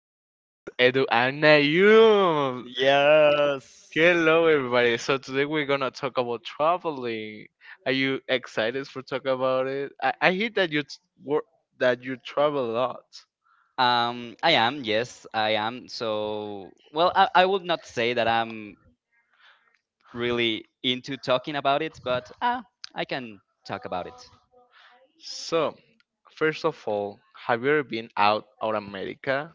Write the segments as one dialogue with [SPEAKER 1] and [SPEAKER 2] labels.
[SPEAKER 1] podcast, Edu and Nayum.
[SPEAKER 2] Yes.
[SPEAKER 1] Hello, everybody. So today we're gonna talk about traveling. Are you excited for talk about it? I hear that you wor- that you travel a lot.
[SPEAKER 2] I am, yes, I am. So, well, I would not say that I'm really into talking about it, but I can talk about it.
[SPEAKER 1] So, first of all, have you ever been out of America?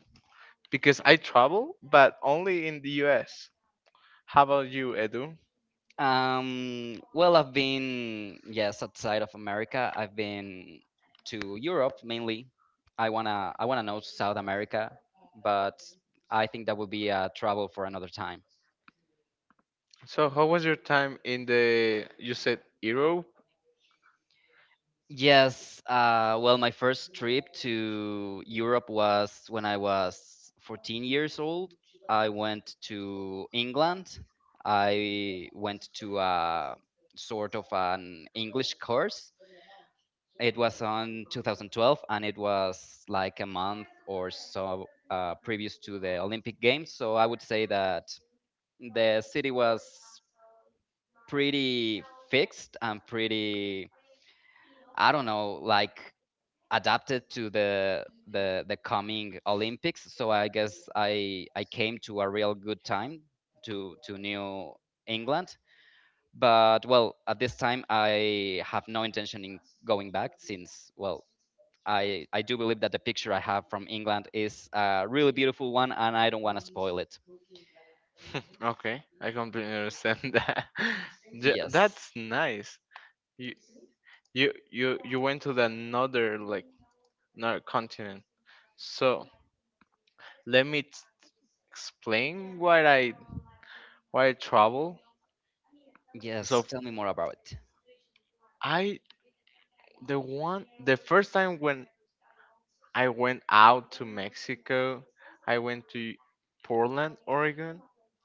[SPEAKER 1] Because I travel, but only in the U.S. How about you, Edu?
[SPEAKER 2] Well, I've been, yes, outside of America. I've been to Europe mainly. I wanna know South America, but I think that would be a travel for another time.
[SPEAKER 1] So, how was your time in the? You said Europe.
[SPEAKER 2] Yes. Well, my first trip to Europe was when I was 14 years old. I went to England. I went to a sort of an English course. It was on 2012, and it was like a month or so previous to the Olympic Games. So I would say that the city was pretty fixed and pretty, I don't know, like adapted to the the coming Olympics. So I guess I came to a real good time to New England. But well, at this time I have no intention in going back since well I do believe that the picture I have from England is a really beautiful one and I don't want to spoil it.
[SPEAKER 1] Okay, I completely understand that.
[SPEAKER 2] Yes.
[SPEAKER 1] That's nice. You you went to the another like another continent. So let me t- explain why I travel.
[SPEAKER 2] Yes,
[SPEAKER 1] So.
[SPEAKER 2] tell me more about it.
[SPEAKER 1] I the one the first time when I went out to Mexico, I went to Portland, Oregon.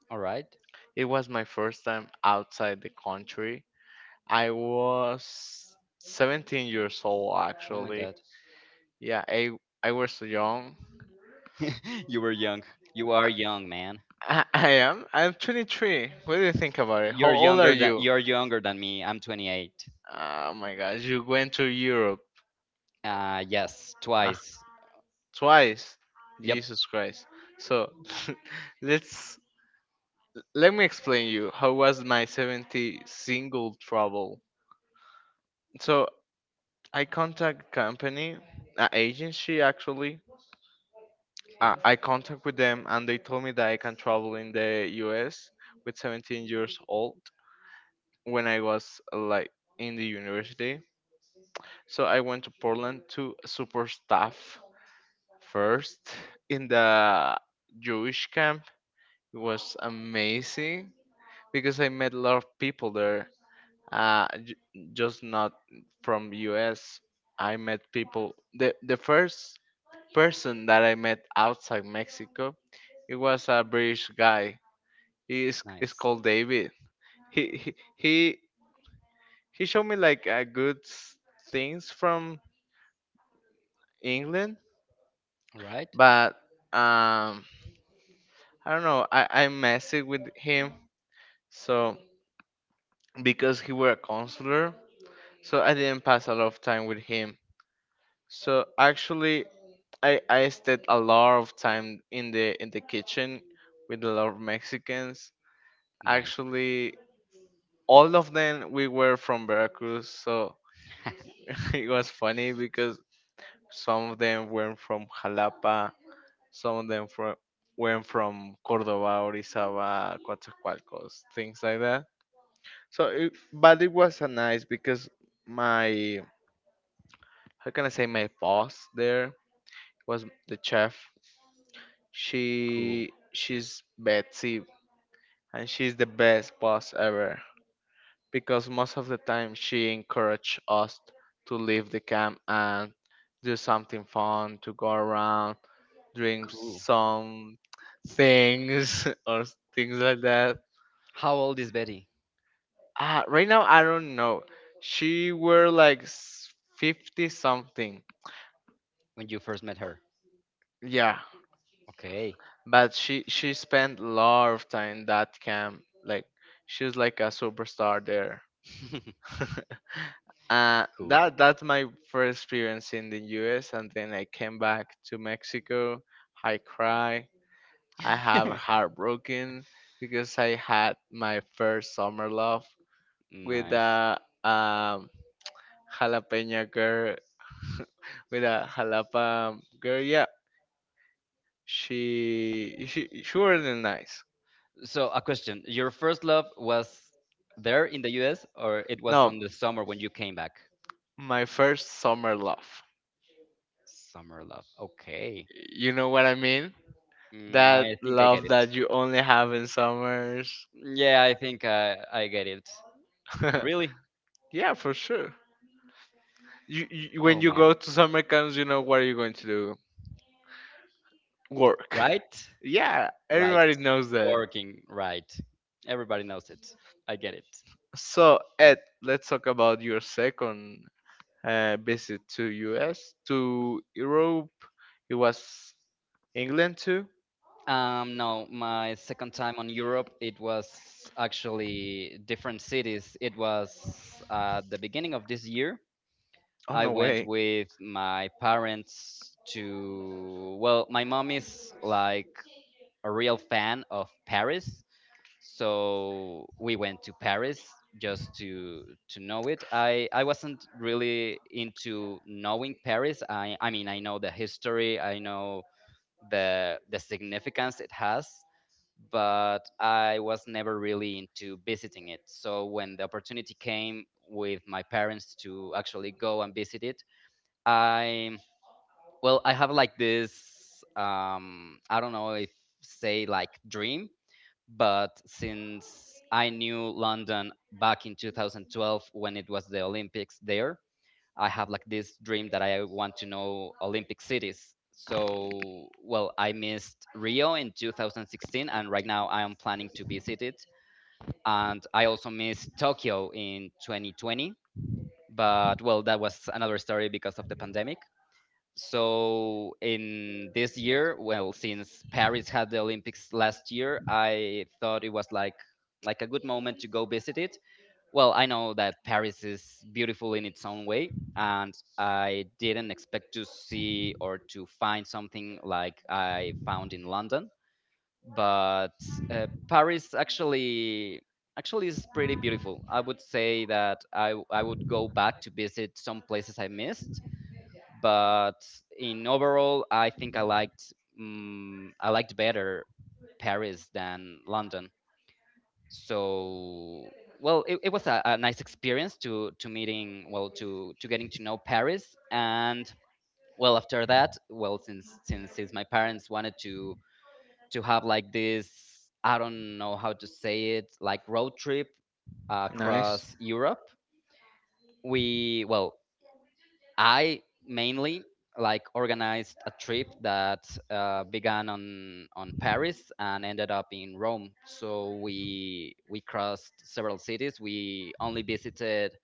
[SPEAKER 2] All right.
[SPEAKER 1] It was my first time outside the country. I was 17 years old
[SPEAKER 2] Oh my
[SPEAKER 1] actually.
[SPEAKER 2] god.
[SPEAKER 1] Yeah, I was so young.
[SPEAKER 2] You were young. You are young, man.
[SPEAKER 1] I am. I'm 23. What do you think about it? How old are you?
[SPEAKER 2] You're younger than me. I'm 28.
[SPEAKER 1] Oh my gosh, you went to Europe.
[SPEAKER 2] Yes,
[SPEAKER 1] Ah,
[SPEAKER 2] twice.
[SPEAKER 1] twice.
[SPEAKER 2] Yep.
[SPEAKER 1] Jesus Christ. So, let's let me explain you how was my 70 single trouble. So I contact company, agency actually.
[SPEAKER 2] Okay.
[SPEAKER 1] I contact with them and they told me that I can travel in the US with 17 years old when I was like in the university. So I went to Portland to super staff first in the Jewish camp. It was amazing because I met a lot of people there. Uh, j- just not from US. I met people. The first person that I met outside Mexico, it was a British guy. He is
[SPEAKER 2] Nice.
[SPEAKER 1] called David. He he he, he showed me like good things from England,
[SPEAKER 2] All right.
[SPEAKER 1] but um I don't know. I messed with him so because he were a counselor. So I didn't pass a lot of time with him. So actually, I stayed a lot of time in the kitchen with a lot of Mexicans.
[SPEAKER 2] Nice.
[SPEAKER 1] Actually, all of them we were from Veracruz, so it was funny because some of them were from Jalapa, some of them from were from Cordoba, Orizaba, Coatzacoalcos, things like that. So, but it was a nice because my how can I say my boss there was the chef.
[SPEAKER 2] Cool.
[SPEAKER 1] She's Betsy and she's the best boss ever because most of the time she encouraged us to leave the camp and do something fun, to go around, drink
[SPEAKER 2] Cool.
[SPEAKER 1] some things or things like that.
[SPEAKER 2] How old is Betty
[SPEAKER 1] Right now I don't know. She were like 50 something.
[SPEAKER 2] when you first met her?
[SPEAKER 1] Yeah,
[SPEAKER 2] Okay.
[SPEAKER 1] but she spent a lot of time that camp. Like she was like a superstar there. uh,
[SPEAKER 2] Cool.
[SPEAKER 1] that that's my first experience in the U.S. And then I came back to Mexico. I cry. I have heartbroken because I had my first summer love with
[SPEAKER 2] Nice.
[SPEAKER 1] a um, jalapeno girl, with a jalapa girl. Yeah, she wasn't nice.
[SPEAKER 2] So, a question. Your first love was there in the US or it was
[SPEAKER 1] No,
[SPEAKER 2] on the summer when you came back?
[SPEAKER 1] my first summer love.
[SPEAKER 2] Summer love. Okay.
[SPEAKER 1] You know what I mean?
[SPEAKER 2] I
[SPEAKER 1] That
[SPEAKER 2] think I get
[SPEAKER 1] love
[SPEAKER 2] it.
[SPEAKER 1] that you only have in summers.
[SPEAKER 2] Yeah, I think I get it. Really?
[SPEAKER 1] Yeah, for sure. You when
[SPEAKER 2] Oh
[SPEAKER 1] you
[SPEAKER 2] man.
[SPEAKER 1] go to summer camps, you know what are you going to do? Work.
[SPEAKER 2] Right?
[SPEAKER 1] Yeah,
[SPEAKER 2] Right.
[SPEAKER 1] everybody knows that.
[SPEAKER 2] Working, right. Everybody knows it. I get it.
[SPEAKER 1] So, Ed, let's talk about your second visit to US, to Europe. It was England too.
[SPEAKER 2] No, my second time on Europe, it was actually different cities. It was the beginning of this year.
[SPEAKER 1] Oh,
[SPEAKER 2] I
[SPEAKER 1] no
[SPEAKER 2] went
[SPEAKER 1] way.
[SPEAKER 2] with my parents to, well, my mom is like a real fan of Paris. So we went to Paris just to know it. I wasn't really into knowing Paris. I mean, I know the history, I know the significance it has, but I was never really into visiting it. So when the opportunity came with my parents to actually go and visit it, I well, I have like this I don't know if say like dream, but since I knew London back in 2012 when it was the Olympics there, I have like this dream that I want to know Olympic cities. So, well, I missed Rio in 2016, and right now I am planning to visit it. And I also missed Tokyo in 2020. But, well, that was another story because of the pandemic. So in this year, well, since Paris had the Olympics last year, I thought it was like a good moment to go visit it. Well, I know that Paris is beautiful in its own way, and I didn't expect to see or to find something like I found in London, but Paris actually is pretty beautiful. I would say that I would go back to visit some places I missed, but in overall, I think I liked I liked better Paris than London. So well, it was a nice experience to meeting well to getting to know Paris. And well after that, well, since my parents wanted to have like this, I don't know how to say it, like road trip
[SPEAKER 1] Nice.
[SPEAKER 2] across Europe, we well I mainly like organized a trip that began on Paris and ended up in Rome. So we crossed several cities. We only visited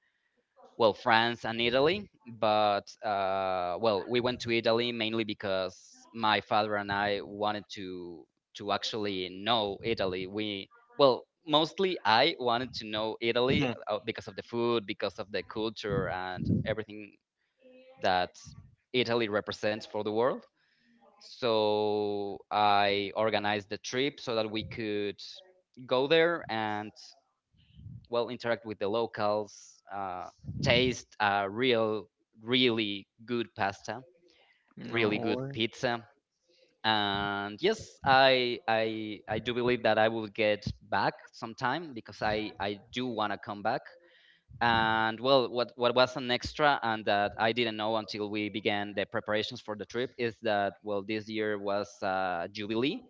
[SPEAKER 2] well France and Italy, but well we went to Italy mainly because my father and I wanted to actually know Italy. We well mostly I wanted to know Italy
[SPEAKER 1] Hmm.
[SPEAKER 2] because of the food, because of the culture and everything that Italy represents for the world. So I organized the trip so that we could go there and well interact with the locals, taste really good pasta, really
[SPEAKER 1] No
[SPEAKER 2] good
[SPEAKER 1] way.
[SPEAKER 2] pizza, and yes, I do believe that I will get back sometime because I do want to come back. And well, what was an extra and that I didn't know until we began the preparations for the trip is that, well, this year was Jubilee.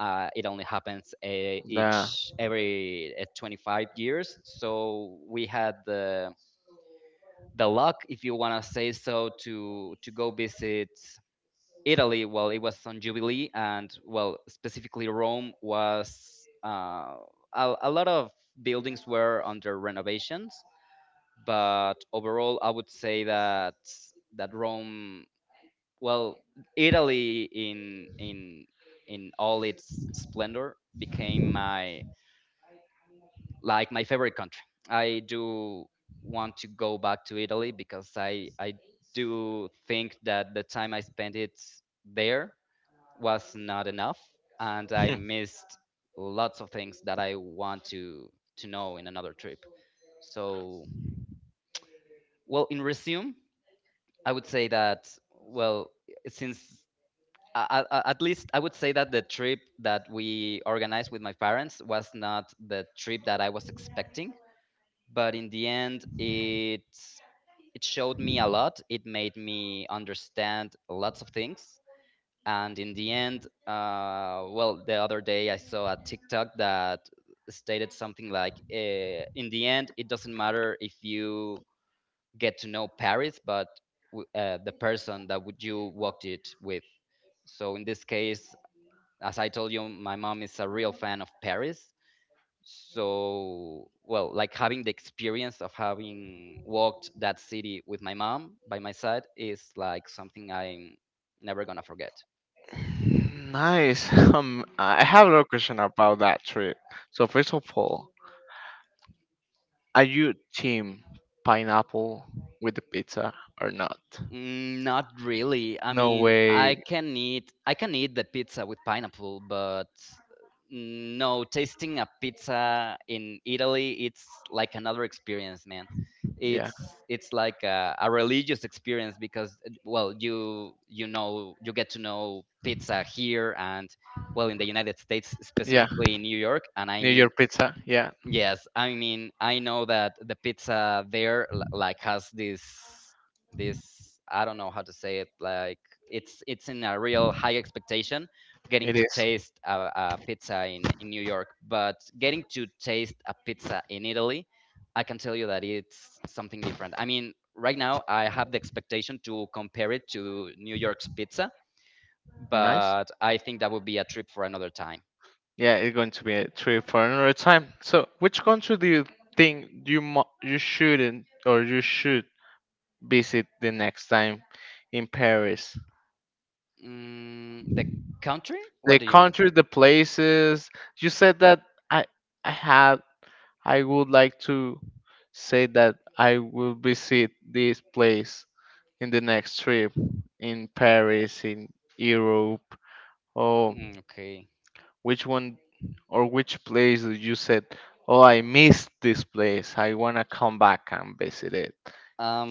[SPEAKER 2] It only happens
[SPEAKER 1] Nah.
[SPEAKER 2] each every 25 years. So we had the luck, if you want to say so, to go visit Italy. Well, it was on Jubilee, and well, specifically Rome was a lot of buildings were under renovations. But overall I would say that Rome, well, Italy in in all its splendor became my like my favorite country. I do want to go back to Italy because i do think that the time I spent it there was not enough and I
[SPEAKER 1] Hmm.
[SPEAKER 2] missed lots of things that I want to know in another trip. So well in resume, I would say that well, since at least I would say that the trip that we organized with my parents was not the trip that I was expecting, but in the end, it showed me a lot. It made me understand lots of things, and in the end, well, the other day I saw a TikTok that stated something like, "In the end, it doesn't matter if you get to know Paris, but the person that would you walked it with." So in this case, as I told you, my mom is a real fan of Paris. So well, like having the experience of having walked that city with my mom by my side is like something I'm never gonna forget.
[SPEAKER 1] Nice. I have another question about that trip. So first of all, are you team pineapple with the pizza or not?
[SPEAKER 2] Mm, not really. I
[SPEAKER 1] No
[SPEAKER 2] mean,
[SPEAKER 1] way.
[SPEAKER 2] I can eat the pizza with pineapple, but no, tasting a pizza in Italy, it's like another experience, man.
[SPEAKER 1] Yeah.
[SPEAKER 2] It's like a religious experience because well, you know you get to know pizza here and well in the United States,
[SPEAKER 1] Yeah.
[SPEAKER 2] specifically in New York, and I
[SPEAKER 1] New
[SPEAKER 2] mean
[SPEAKER 1] York pizza. Yeah.
[SPEAKER 2] yes, I mean, I know that the pizza there like has this I don't know how to say it, like it's in a real high expectation getting
[SPEAKER 1] It
[SPEAKER 2] to
[SPEAKER 1] is.
[SPEAKER 2] taste a pizza in New York, but getting to taste a pizza in Italy, I can tell you that it's something different. I mean, right now I have the expectation to compare it to New York's pizza,
[SPEAKER 1] Nice.
[SPEAKER 2] but I think that would be a trip for another time.
[SPEAKER 1] Yeah, it's going to be a trip for another time. So, which country do you think you you shouldn't or you should visit the next time in Paris?
[SPEAKER 2] Mm, the country? What
[SPEAKER 1] The
[SPEAKER 2] do you mean?
[SPEAKER 1] country, the places. You said that I I have I would like to say that I will visit this place in the next trip in Paris, in Europe. Oh.
[SPEAKER 2] Mm, okay.
[SPEAKER 1] Which one or which place that you said, "Oh, I missed this place. I wanna come back and visit it."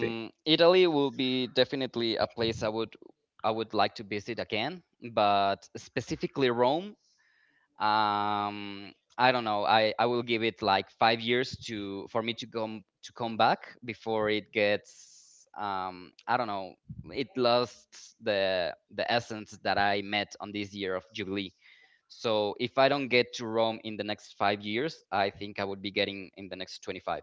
[SPEAKER 1] Thi-
[SPEAKER 2] Italy will be definitely a place I would like to visit again, but specifically Rome. I don't know. I will give it like 5 years to for me to come back before it gets I don't know. It lost the essence that I met on this year of Jubilee. So if I don't get to Rome in the next 5 years, I think I would be getting in the next 25.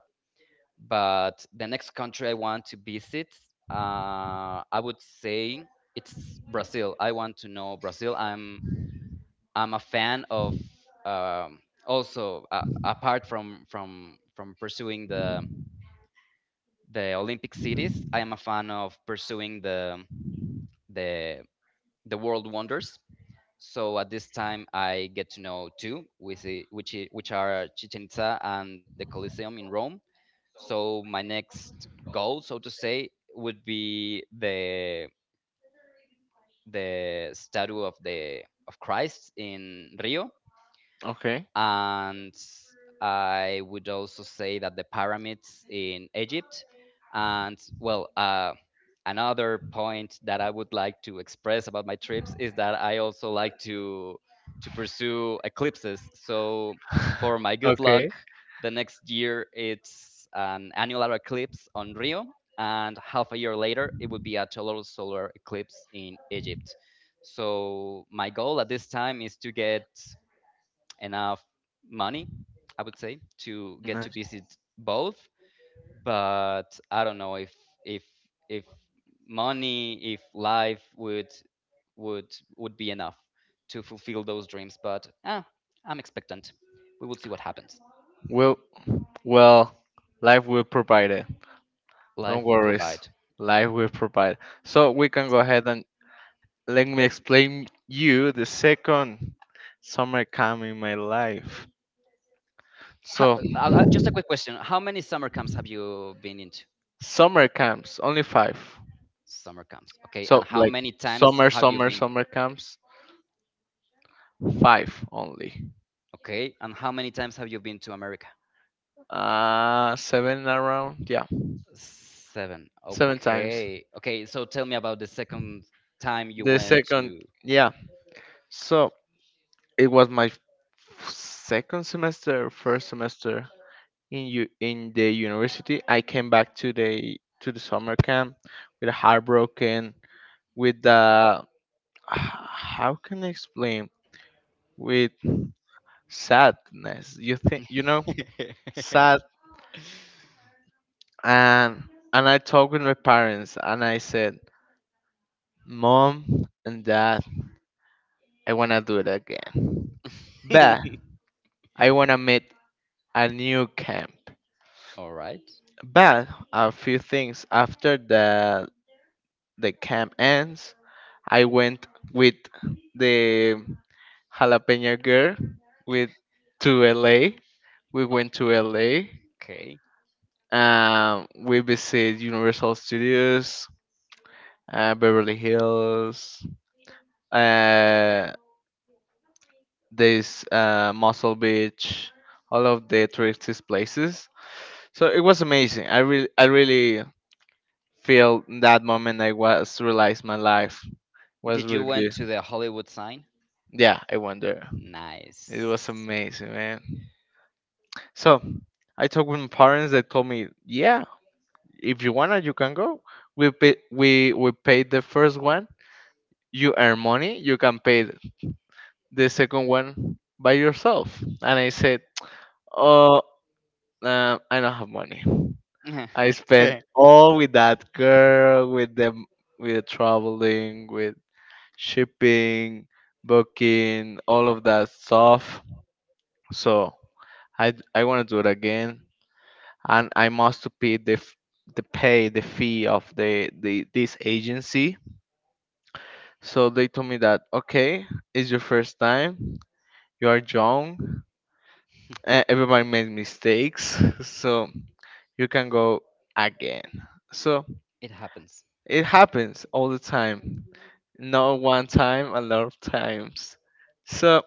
[SPEAKER 2] But the next country I want to visit, I would say it's Brazil. I want to know Brazil. I'm a fan of um, also apart from pursuing the Olympic cities, I am a fan of pursuing the the the world wonders. So at this time, I get to know two, with which are Chichen Itza and the Colosseum in Rome. So my next goal, so to say, would be the statue of the of Christ in Rio
[SPEAKER 1] Okay.
[SPEAKER 2] and I would also say that the pyramids in Egypt. And well, another point that I would like to express about my trips is that I also like to pursue eclipses. So for my good luck,
[SPEAKER 1] Okay.
[SPEAKER 2] the next year it's an annular eclipse on Rio, and half a year later it would be a total solar eclipse in Egypt. So my goal at this time is to get enough money, I would say, to get to
[SPEAKER 1] Nice.
[SPEAKER 2] visit both. But I don't know if if if money, if life would be enough to fulfill those dreams. But ah, I'm expectant. We will see what happens.
[SPEAKER 1] Well, well, life will provide it. Don't
[SPEAKER 2] Life will
[SPEAKER 1] worry.
[SPEAKER 2] provide.
[SPEAKER 1] Life will provide. So we can go ahead and let me explain you the second summer camp in my life. So,
[SPEAKER 2] Just a quick question: how many summer camps have you been into?
[SPEAKER 1] summer camps, only five.
[SPEAKER 2] Summer camps, okay. And
[SPEAKER 1] So
[SPEAKER 2] how
[SPEAKER 1] like
[SPEAKER 2] many times have you been?
[SPEAKER 1] summer camps, five only.
[SPEAKER 2] Okay. And how many times have you been to America?
[SPEAKER 1] Seven around, yeah,
[SPEAKER 2] Seven.
[SPEAKER 1] seven times.
[SPEAKER 2] Okay. Okay. So tell me about the second time you
[SPEAKER 1] The
[SPEAKER 2] went
[SPEAKER 1] second,
[SPEAKER 2] to.
[SPEAKER 1] yeah. So it was my second semester, first semester in the university. I came back to the summer camp with a heartbroken, with the how can I explain? With sadness. You think you know? and and I talked with my parents and I said, Mom and Dad, I wanna do it again. But I wanna meet a new camp.
[SPEAKER 2] All right.
[SPEAKER 1] But a few things after the camp ends, I went with the jalapeno girl with to LA. We went to LA.
[SPEAKER 2] Okay.
[SPEAKER 1] We visited Universal Studios, Beverly Hills, uh, this Muscle Beach, all of the touristy places. So it was amazing. I really feel in that moment I was realized my life was
[SPEAKER 2] Did you
[SPEAKER 1] really
[SPEAKER 2] went
[SPEAKER 1] good.
[SPEAKER 2] to the Hollywood sign?
[SPEAKER 1] Yeah, I went there. It
[SPEAKER 2] Nice.
[SPEAKER 1] was amazing, man. So I talked with my parents. They told me, yeah, if you wanna, you can go. We pay, we paid the first one. You earn money. You can pay the second one by yourself. And I said, oh, I don't have money. I spent
[SPEAKER 2] It
[SPEAKER 1] all with that girl, with them, with the traveling, with shipping, booking, all of that stuff. So I want to do it again, and I must pay the fee of the this agency. So they told me that okay, it's your first time, you are young, everybody made mistakes, so you can go again. So
[SPEAKER 2] happens.
[SPEAKER 1] it happens all the time. Not one time, a lot of times. So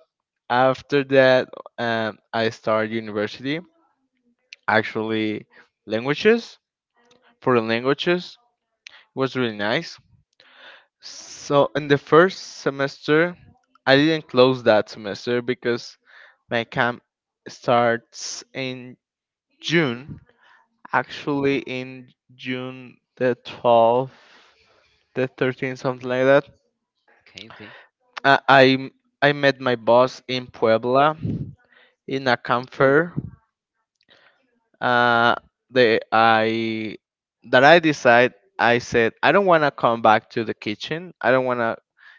[SPEAKER 1] after that, I started university. Actually, languages for the languages, it was really nice. So in the first semester, I didn't close that semester because my camp starts in June.
[SPEAKER 2] Okay.
[SPEAKER 1] Actually, in June the 12th, the 13th, something like that.
[SPEAKER 2] Okay. Okay.
[SPEAKER 1] I, I I met my boss in Puebla in a camp
[SPEAKER 2] Cool.
[SPEAKER 1] fair. Uh, the I that I decide I said I don't want to come back to the kitchen. I don't want to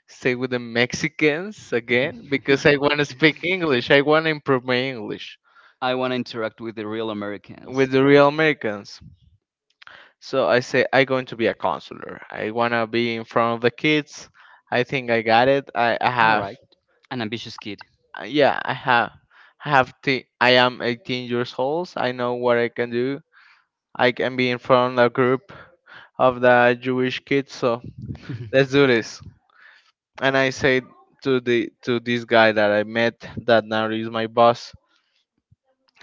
[SPEAKER 1] stay with the Mexicans again because I want to speak English. I want to improve my English
[SPEAKER 2] I want to interact with the real
[SPEAKER 1] with
[SPEAKER 2] Americans.
[SPEAKER 1] the real Americans. So I say I going to be a counselor. I want to be in front of the kids. I think I got it. I
[SPEAKER 2] All
[SPEAKER 1] have
[SPEAKER 2] right. An ambitious kid.
[SPEAKER 1] Yeah, I am 18 years old. I know what I can do. I can be in front of a group of the Jewish kids. So let's do this. And I said to this guy that I met that now is my boss.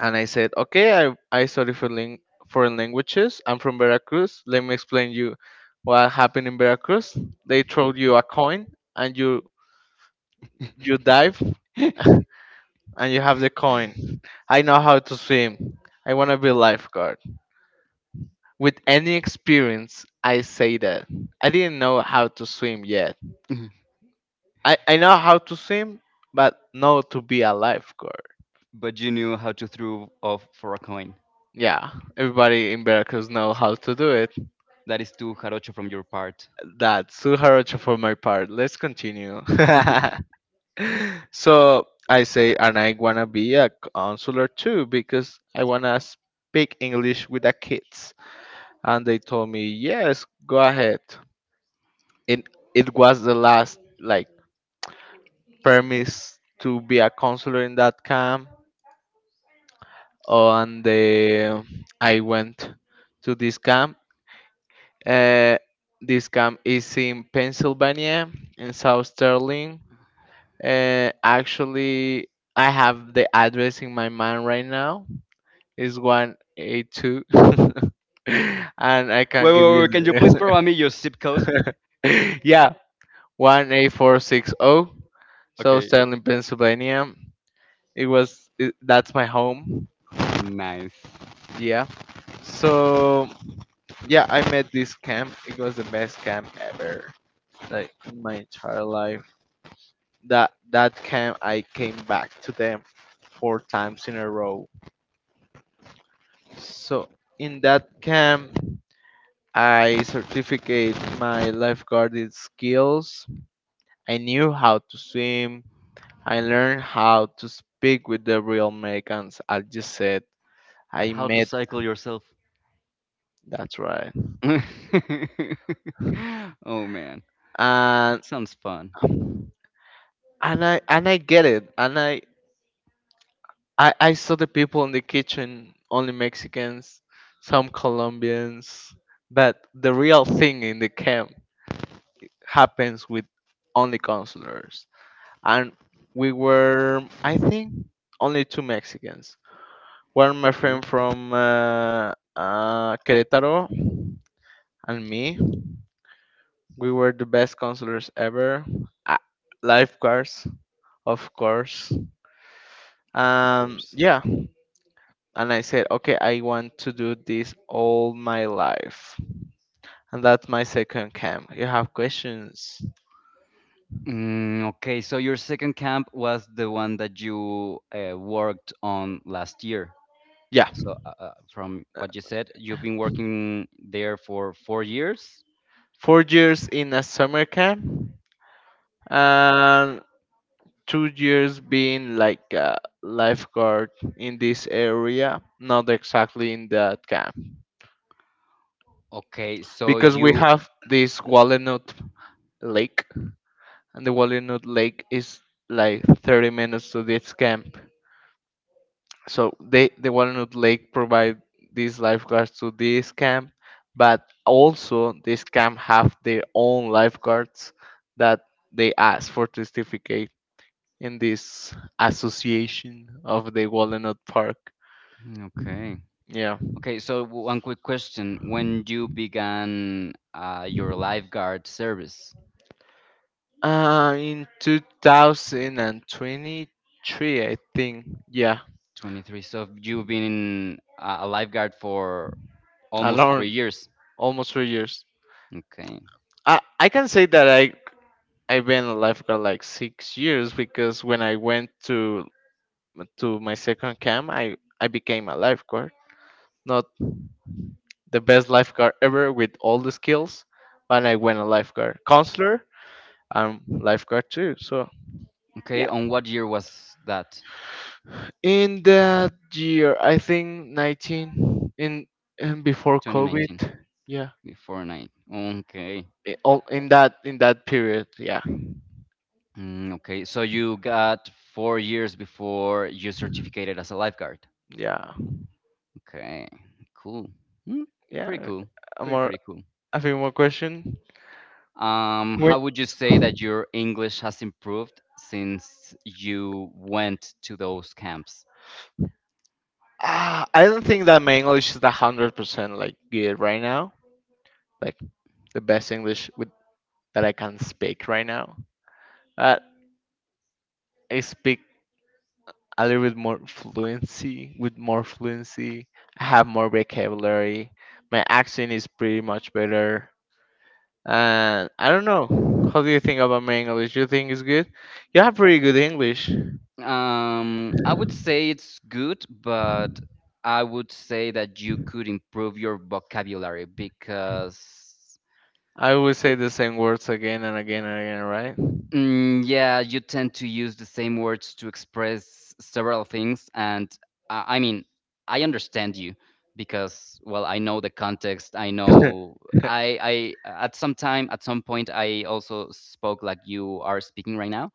[SPEAKER 1] And I said, okay, I study for foreign languages. I'm from Veracruz. Let me explain you what happened in Veracruz. They throw you a coin and you dive and you have the coin. I know how to swim. I want to be lifeguard. With any experience, I say that. I didn't know how to swim yet. I know how to swim, but not to be a lifeguard.
[SPEAKER 2] But you knew how to throw off for a coin.
[SPEAKER 1] Yeah, everybody in Veracruz know how to do it.
[SPEAKER 2] That is too jarocho from your part.
[SPEAKER 1] That's Suharocha for my part. Let's continue. So I say, and I wanna be a counselor too because I wanna speak English with the kids. And they told me, yes, go ahead. it it was the last like permits to be a counselor in that camp, and I went to this camp. Uh, this camp is in Pennsylvania, in South Sterling. Actually, I have the address in my mind right now. It's 182 and I can
[SPEAKER 2] Wait,
[SPEAKER 1] give
[SPEAKER 2] wait,
[SPEAKER 1] you
[SPEAKER 2] wait. Can you please provide me your zip code?
[SPEAKER 1] the yeah 18460 South
[SPEAKER 2] Okay.
[SPEAKER 1] Sterling, Pennsylvania. That's my home.
[SPEAKER 2] Nice.
[SPEAKER 1] Yeah. So yeah, I met this camp. It was the best camp ever, like in my entire life. That camp I came back to them four times in a row. So in that camp I certificate my lifeguarding skills. I knew how to swim. I learned how to speak with the real Americans, I just said.
[SPEAKER 2] And
[SPEAKER 1] I
[SPEAKER 2] how to
[SPEAKER 1] met.
[SPEAKER 2] cycle yourself?
[SPEAKER 1] That's right.
[SPEAKER 2] Oh man, it
[SPEAKER 1] and
[SPEAKER 2] sounds fun.
[SPEAKER 1] and I and I get it, and I saw the people in the kitchen, only Mexicans, some Colombians, but the real thing in the camp happens with only counselors. And we were, I think, only two Mexicans. One my
[SPEAKER 2] Okay,
[SPEAKER 1] friend from Querétaro and me. We were the best counselors ever. Uh, lifeguards, of course.
[SPEAKER 2] of
[SPEAKER 1] Um,
[SPEAKER 2] course.
[SPEAKER 1] yeah. And I said, okay, I want to do this all my life. And that's my second camp. You have questions?
[SPEAKER 2] Okay, so your second camp was the one that you worked on last year.
[SPEAKER 1] Yeah.
[SPEAKER 2] So, from
[SPEAKER 1] uh,
[SPEAKER 2] what you said, you've been working there for 4 years.
[SPEAKER 1] Four years in a summer camp and 2 years being like a lifeguard in this area, not exactly in that camp.
[SPEAKER 2] Okay, so
[SPEAKER 1] Because we
[SPEAKER 2] you.
[SPEAKER 1] have this Wallenut Lake, and the Wallenut Lake is like 30 minutes to this camp. So the Walnut Lake provide these lifeguards to this camp, but also this camp have their own lifeguards that they ask for certificate in this association of the Walnut Park.
[SPEAKER 2] Okay.
[SPEAKER 1] Yeah.
[SPEAKER 2] Okay, so one quick question. When you began your lifeguard service,
[SPEAKER 1] In 2023, I think. Yeah,
[SPEAKER 2] 23, so you've been in, a lifeguard for almost three
[SPEAKER 1] around
[SPEAKER 2] years.
[SPEAKER 1] almost 3 years.
[SPEAKER 2] Okay.
[SPEAKER 1] I can say that I've been a lifeguard like 6 years because when I went to my second camp, I became a lifeguard. Not the best lifeguard ever with all the skills, but I went a lifeguard counselor. I'm lifeguard too. So
[SPEAKER 2] Okay,
[SPEAKER 1] yeah.
[SPEAKER 2] on what year was that?
[SPEAKER 1] In that year, I think 19 in, in before COVID.
[SPEAKER 2] 2019,
[SPEAKER 1] Yeah.
[SPEAKER 2] before nine. Okay.
[SPEAKER 1] In that period. Yeah.
[SPEAKER 2] Okay, so you got 4 years before you certificated as a lifeguard.
[SPEAKER 1] Yeah.
[SPEAKER 2] Okay, cool. Mm, pretty
[SPEAKER 1] Yeah.
[SPEAKER 2] cool.
[SPEAKER 1] A
[SPEAKER 2] Pretty,
[SPEAKER 1] more
[SPEAKER 2] pretty cool.
[SPEAKER 1] a few more question. Wait.
[SPEAKER 2] How would you say that your English has improved since you went to those camps?
[SPEAKER 1] I don't think that my English is 100% like good right now. Like. The best English that I can speak right now. Uh, I speak a little bit more fluency, with more fluency. I have more vocabulary. My accent is pretty much better. And I don't know. How do you think about my English? You think it's good? You have pretty good English.
[SPEAKER 2] I would say it's good, but I would say that you could improve your vocabulary because
[SPEAKER 1] I always say the same words again and again and again,
[SPEAKER 2] Yeah, you tend to use the same words to express several things, and I mean, I understand you because, well, I know the context. I
[SPEAKER 1] right?
[SPEAKER 2] know I at some time, at some point, I also spoke like you are speaking right now,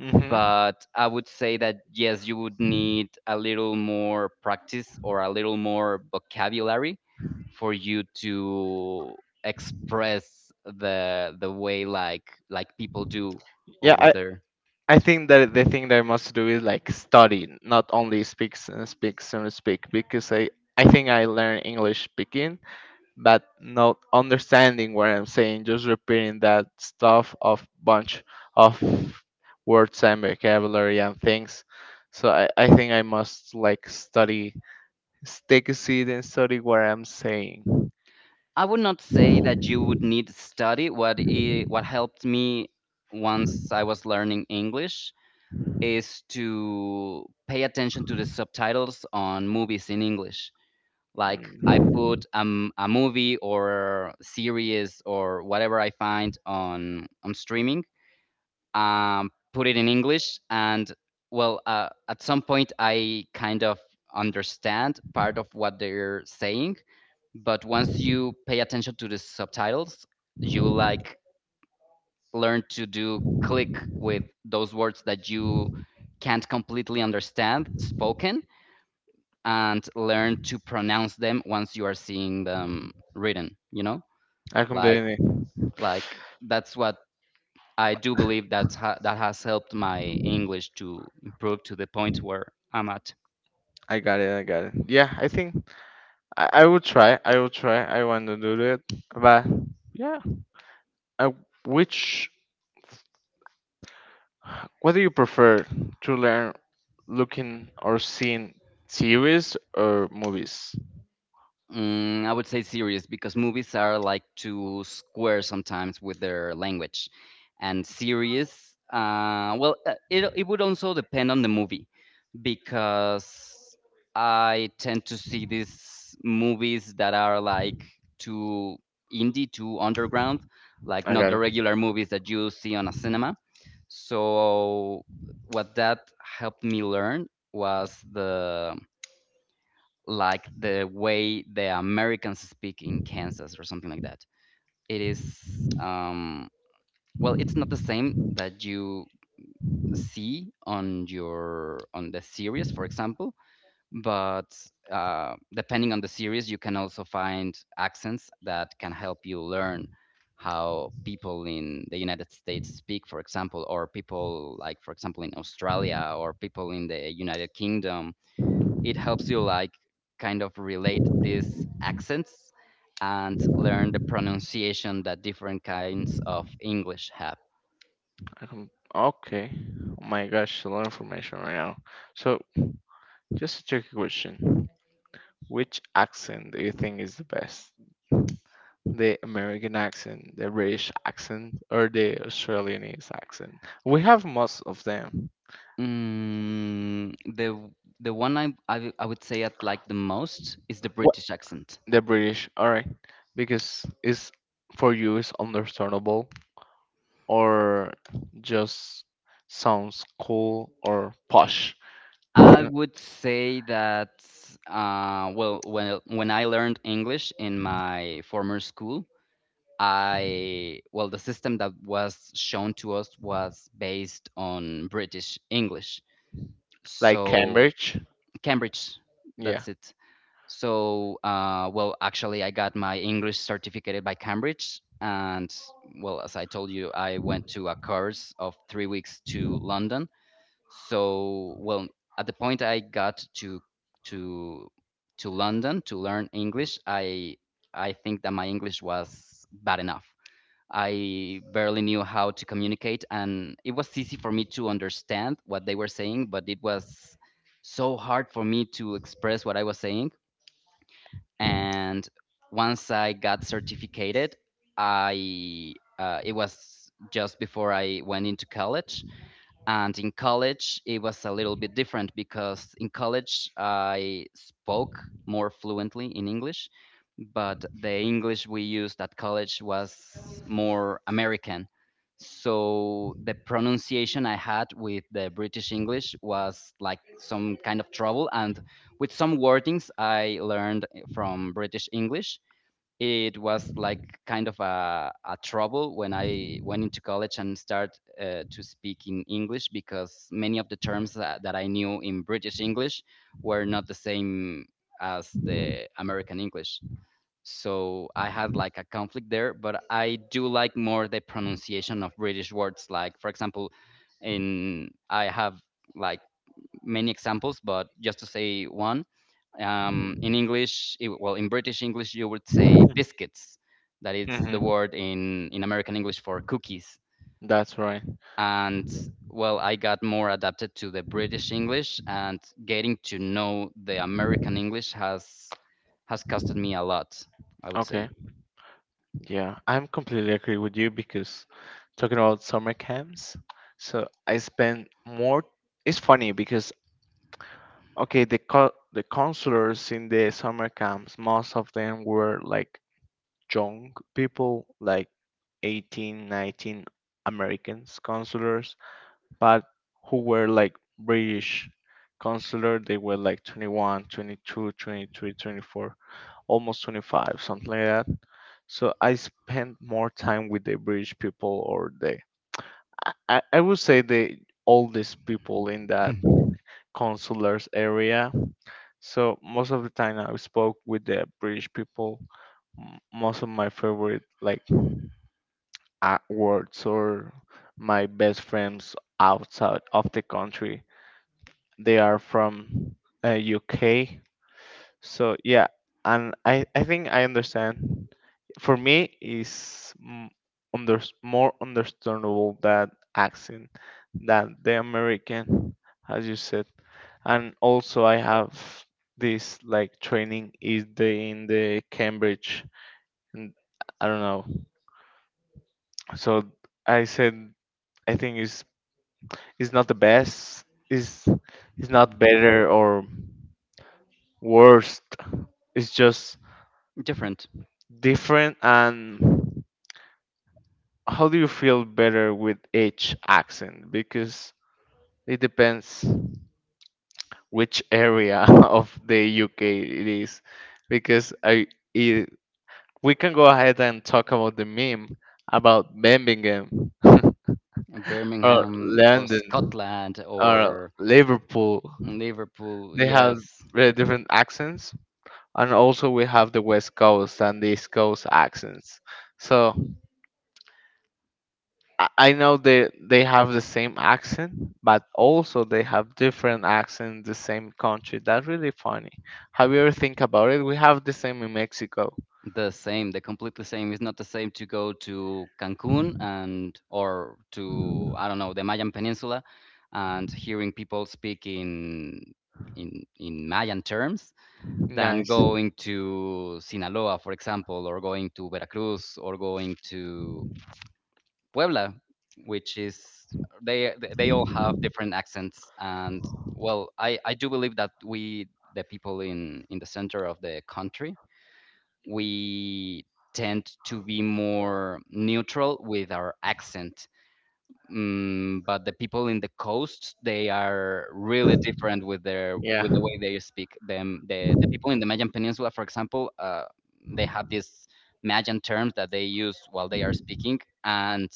[SPEAKER 1] Mm-hmm.
[SPEAKER 2] but I would say that yes, you would need a little more practice or a little more vocabulary for you to express the way like people do
[SPEAKER 1] Yeah,
[SPEAKER 2] over
[SPEAKER 1] I,
[SPEAKER 2] there.
[SPEAKER 1] I think that the thing that I must do is like study, not only speaks and speaks and speak, because I think I learn English speaking, but not understanding what I'm saying, just repeating that stuff of bunch of words and vocabulary and things. So I think I must like study, take a seat and study what I'm saying.
[SPEAKER 2] I would not say that you would need study. What I what helped me once I was learning English is to pay attention to the subtitles on movies in English like I
[SPEAKER 1] Mm.
[SPEAKER 2] put a movie or series or whatever I find on streaming. Put it in English, and well, at some point I kind of understand part of what they're saying. But once you pay attention to the subtitles, you like learn to do click with those words that you can't completely understand spoken, and learn to pronounce them once you are seeing them written,
[SPEAKER 1] I
[SPEAKER 2] like
[SPEAKER 1] completely,
[SPEAKER 2] like that's what I do believe, that's that has helped my English to improve to the point where I'm at.
[SPEAKER 1] I got it, I got it. Yeah, I think I will try. I will try. I want to do it. But yeah, uh, which what do you prefer to learn, looking or seeing series or movies?
[SPEAKER 2] I would say series, because movies are like too square sometimes with their language. And series, well, it would also depend on the movie, because I tend to see these movies that are like too indie, too underground, like
[SPEAKER 1] I
[SPEAKER 2] not
[SPEAKER 1] got
[SPEAKER 2] the
[SPEAKER 1] it.
[SPEAKER 2] regular movies that you see on a cinema. So what that helped me learn was the like the way the Americans speak in Kansas or something like that. It is um, well, it's not the same that you see on your on the series, for example, but depending on the series, you can also find accents that can help you learn how people in the United States speak, for example, or people like, for example, in Australia or people in the United Kingdom. It helps you like kind of relate these accents and learn the pronunciation that different kinds of English have.
[SPEAKER 1] I can, okay. Oh my gosh, a lot of information right now. So just a tricky question. Which accent do you think is the best? The American accent, the British accent, or the Australian accent? We have most of them.
[SPEAKER 2] The one I would say I like the most is the British accent.
[SPEAKER 1] The British, alright, because it's for you it's understandable or just sounds cool or posh.
[SPEAKER 2] I would say that well, when I learned English in my former school, I well, the system that was shown to us was based on British English.
[SPEAKER 1] Like
[SPEAKER 2] So
[SPEAKER 1] Cambridge.
[SPEAKER 2] Cambridge,
[SPEAKER 1] Yeah.
[SPEAKER 2] that's it. So well, actually, I got my English certificate by Cambridge. And well, as I told you, I went to a course of 3 weeks to London. So well, at the point I got to to London to learn English, I think that my English was bad enough. I barely knew how to communicate, and it was easy for me to understand what they were saying, but it was so hard for me to express what I was saying. And once I got certificated, I it was just before I went into college. And in college, it was a little bit different, because in college, I spoke more fluently in English, but the English we used at college was more American. So the pronunciation I had with the British English was like some kind of trouble. And with some wordings I learned from British English, it was like kind of a trouble when I went into college and start to speak in English, because many of the terms that I knew in British English were not the same as the American English. So I had like a conflict there, but I do like more the pronunciation of British words. Like for example, in I have like many examples, but just to say one, in English, well, in British English, you would say biscuits. That is the
[SPEAKER 1] Hmm,
[SPEAKER 2] word in American English for cookies.
[SPEAKER 1] that's right.
[SPEAKER 2] And well, I got more adapted to the British English, and getting to know the American English has costed me a lot. I would say.
[SPEAKER 1] Okay, yeah, I'm completely agree with you because talking about summer camps, so I spend more. It's funny because okay, the counselors in the summer camps, most of them were like young people like 18, 19 Americans counselors, but who were like British consular. They were like 21, 22, 23, 24, almost 25, something like that. So I spent more time with the British people or the I would say the oldest people in that consulars area. So most of the time I spoke with the British people. Most of my favorite like awards or my best friends outside of the country. They are from UK. So yeah, and I think I understand. For me, is more understandable that accent than the American, as you said. And also, I have this like training is the in the Cambridge, and I don't know. So I said I think it's not the best. It's it's not better or worst. It's just
[SPEAKER 2] Different.
[SPEAKER 1] different. And how do you feel better with each accent? Because it depends which area of the UK it is. Because I it, we can go ahead and talk about the meme about Birmingham or
[SPEAKER 2] Birmingham or
[SPEAKER 1] London
[SPEAKER 2] Scotland
[SPEAKER 1] or
[SPEAKER 2] or
[SPEAKER 1] Liverpool.
[SPEAKER 2] Liverpool.
[SPEAKER 1] They have
[SPEAKER 2] Yes,
[SPEAKER 1] very different accents, and also we have the west coast and the east coast accents. So I know they have the same accent but also they have different accents in the same country. That's really funny. Have you ever think about it? We have the same in Mexico.
[SPEAKER 2] the same, the completely same. It's not the same to go to Cancun and or to, I don't know, the Mayan Peninsula and hearing people speak in Mayan terms than
[SPEAKER 1] Nice.
[SPEAKER 2] going to Sinaloa, for example, or going to Veracruz or going to Puebla, which is they all have different accents. And well, I do believe that we, the people in the center of the country, we tend to be more neutral with our accent. But the people in the coast, they are really different with their
[SPEAKER 1] Yeah,
[SPEAKER 2] with the way they speak. The people in the Mayan Peninsula, for example, they have these Mayan terms that they use while they are speaking, and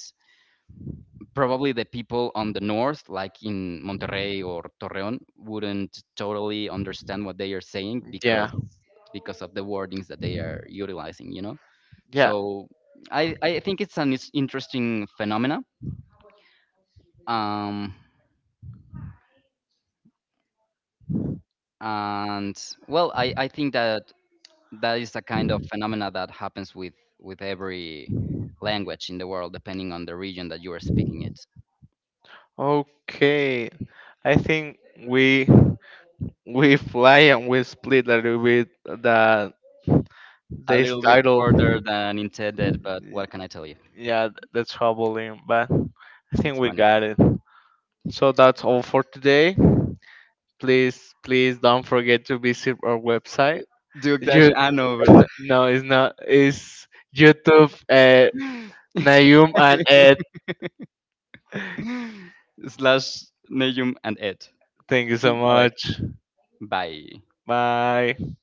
[SPEAKER 2] probably the people on the north, like in Monterrey or Torreon, wouldn't totally understand what they are saying
[SPEAKER 1] yeah,
[SPEAKER 2] because of the wordings that they are utilizing. You know.
[SPEAKER 1] yeah.
[SPEAKER 2] So I think it's an interesting phenomena. Um, and well, I think that that is a kind of phenomena that happens with every language in the world, depending on the region that you are speaking it.
[SPEAKER 1] Okay, I think we we fly and we split a little bit the
[SPEAKER 2] A
[SPEAKER 1] this
[SPEAKER 2] little bit further
[SPEAKER 1] title.
[SPEAKER 2] than intended, but what can I tell you?
[SPEAKER 1] Yeah, that's troubling, but I think
[SPEAKER 2] It's
[SPEAKER 1] we
[SPEAKER 2] funny.
[SPEAKER 1] got it. So that's all for today. Please, please don't forget to visit our website.
[SPEAKER 2] Duke dash
[SPEAKER 1] You,
[SPEAKER 2] ano, ¿verdad?
[SPEAKER 1] no, it's not. It's YouTube at Nayum and Ed.
[SPEAKER 2] Slash Nejum and Ed.
[SPEAKER 1] Thank you so
[SPEAKER 2] I like
[SPEAKER 1] much.
[SPEAKER 2] bye.
[SPEAKER 1] Bye.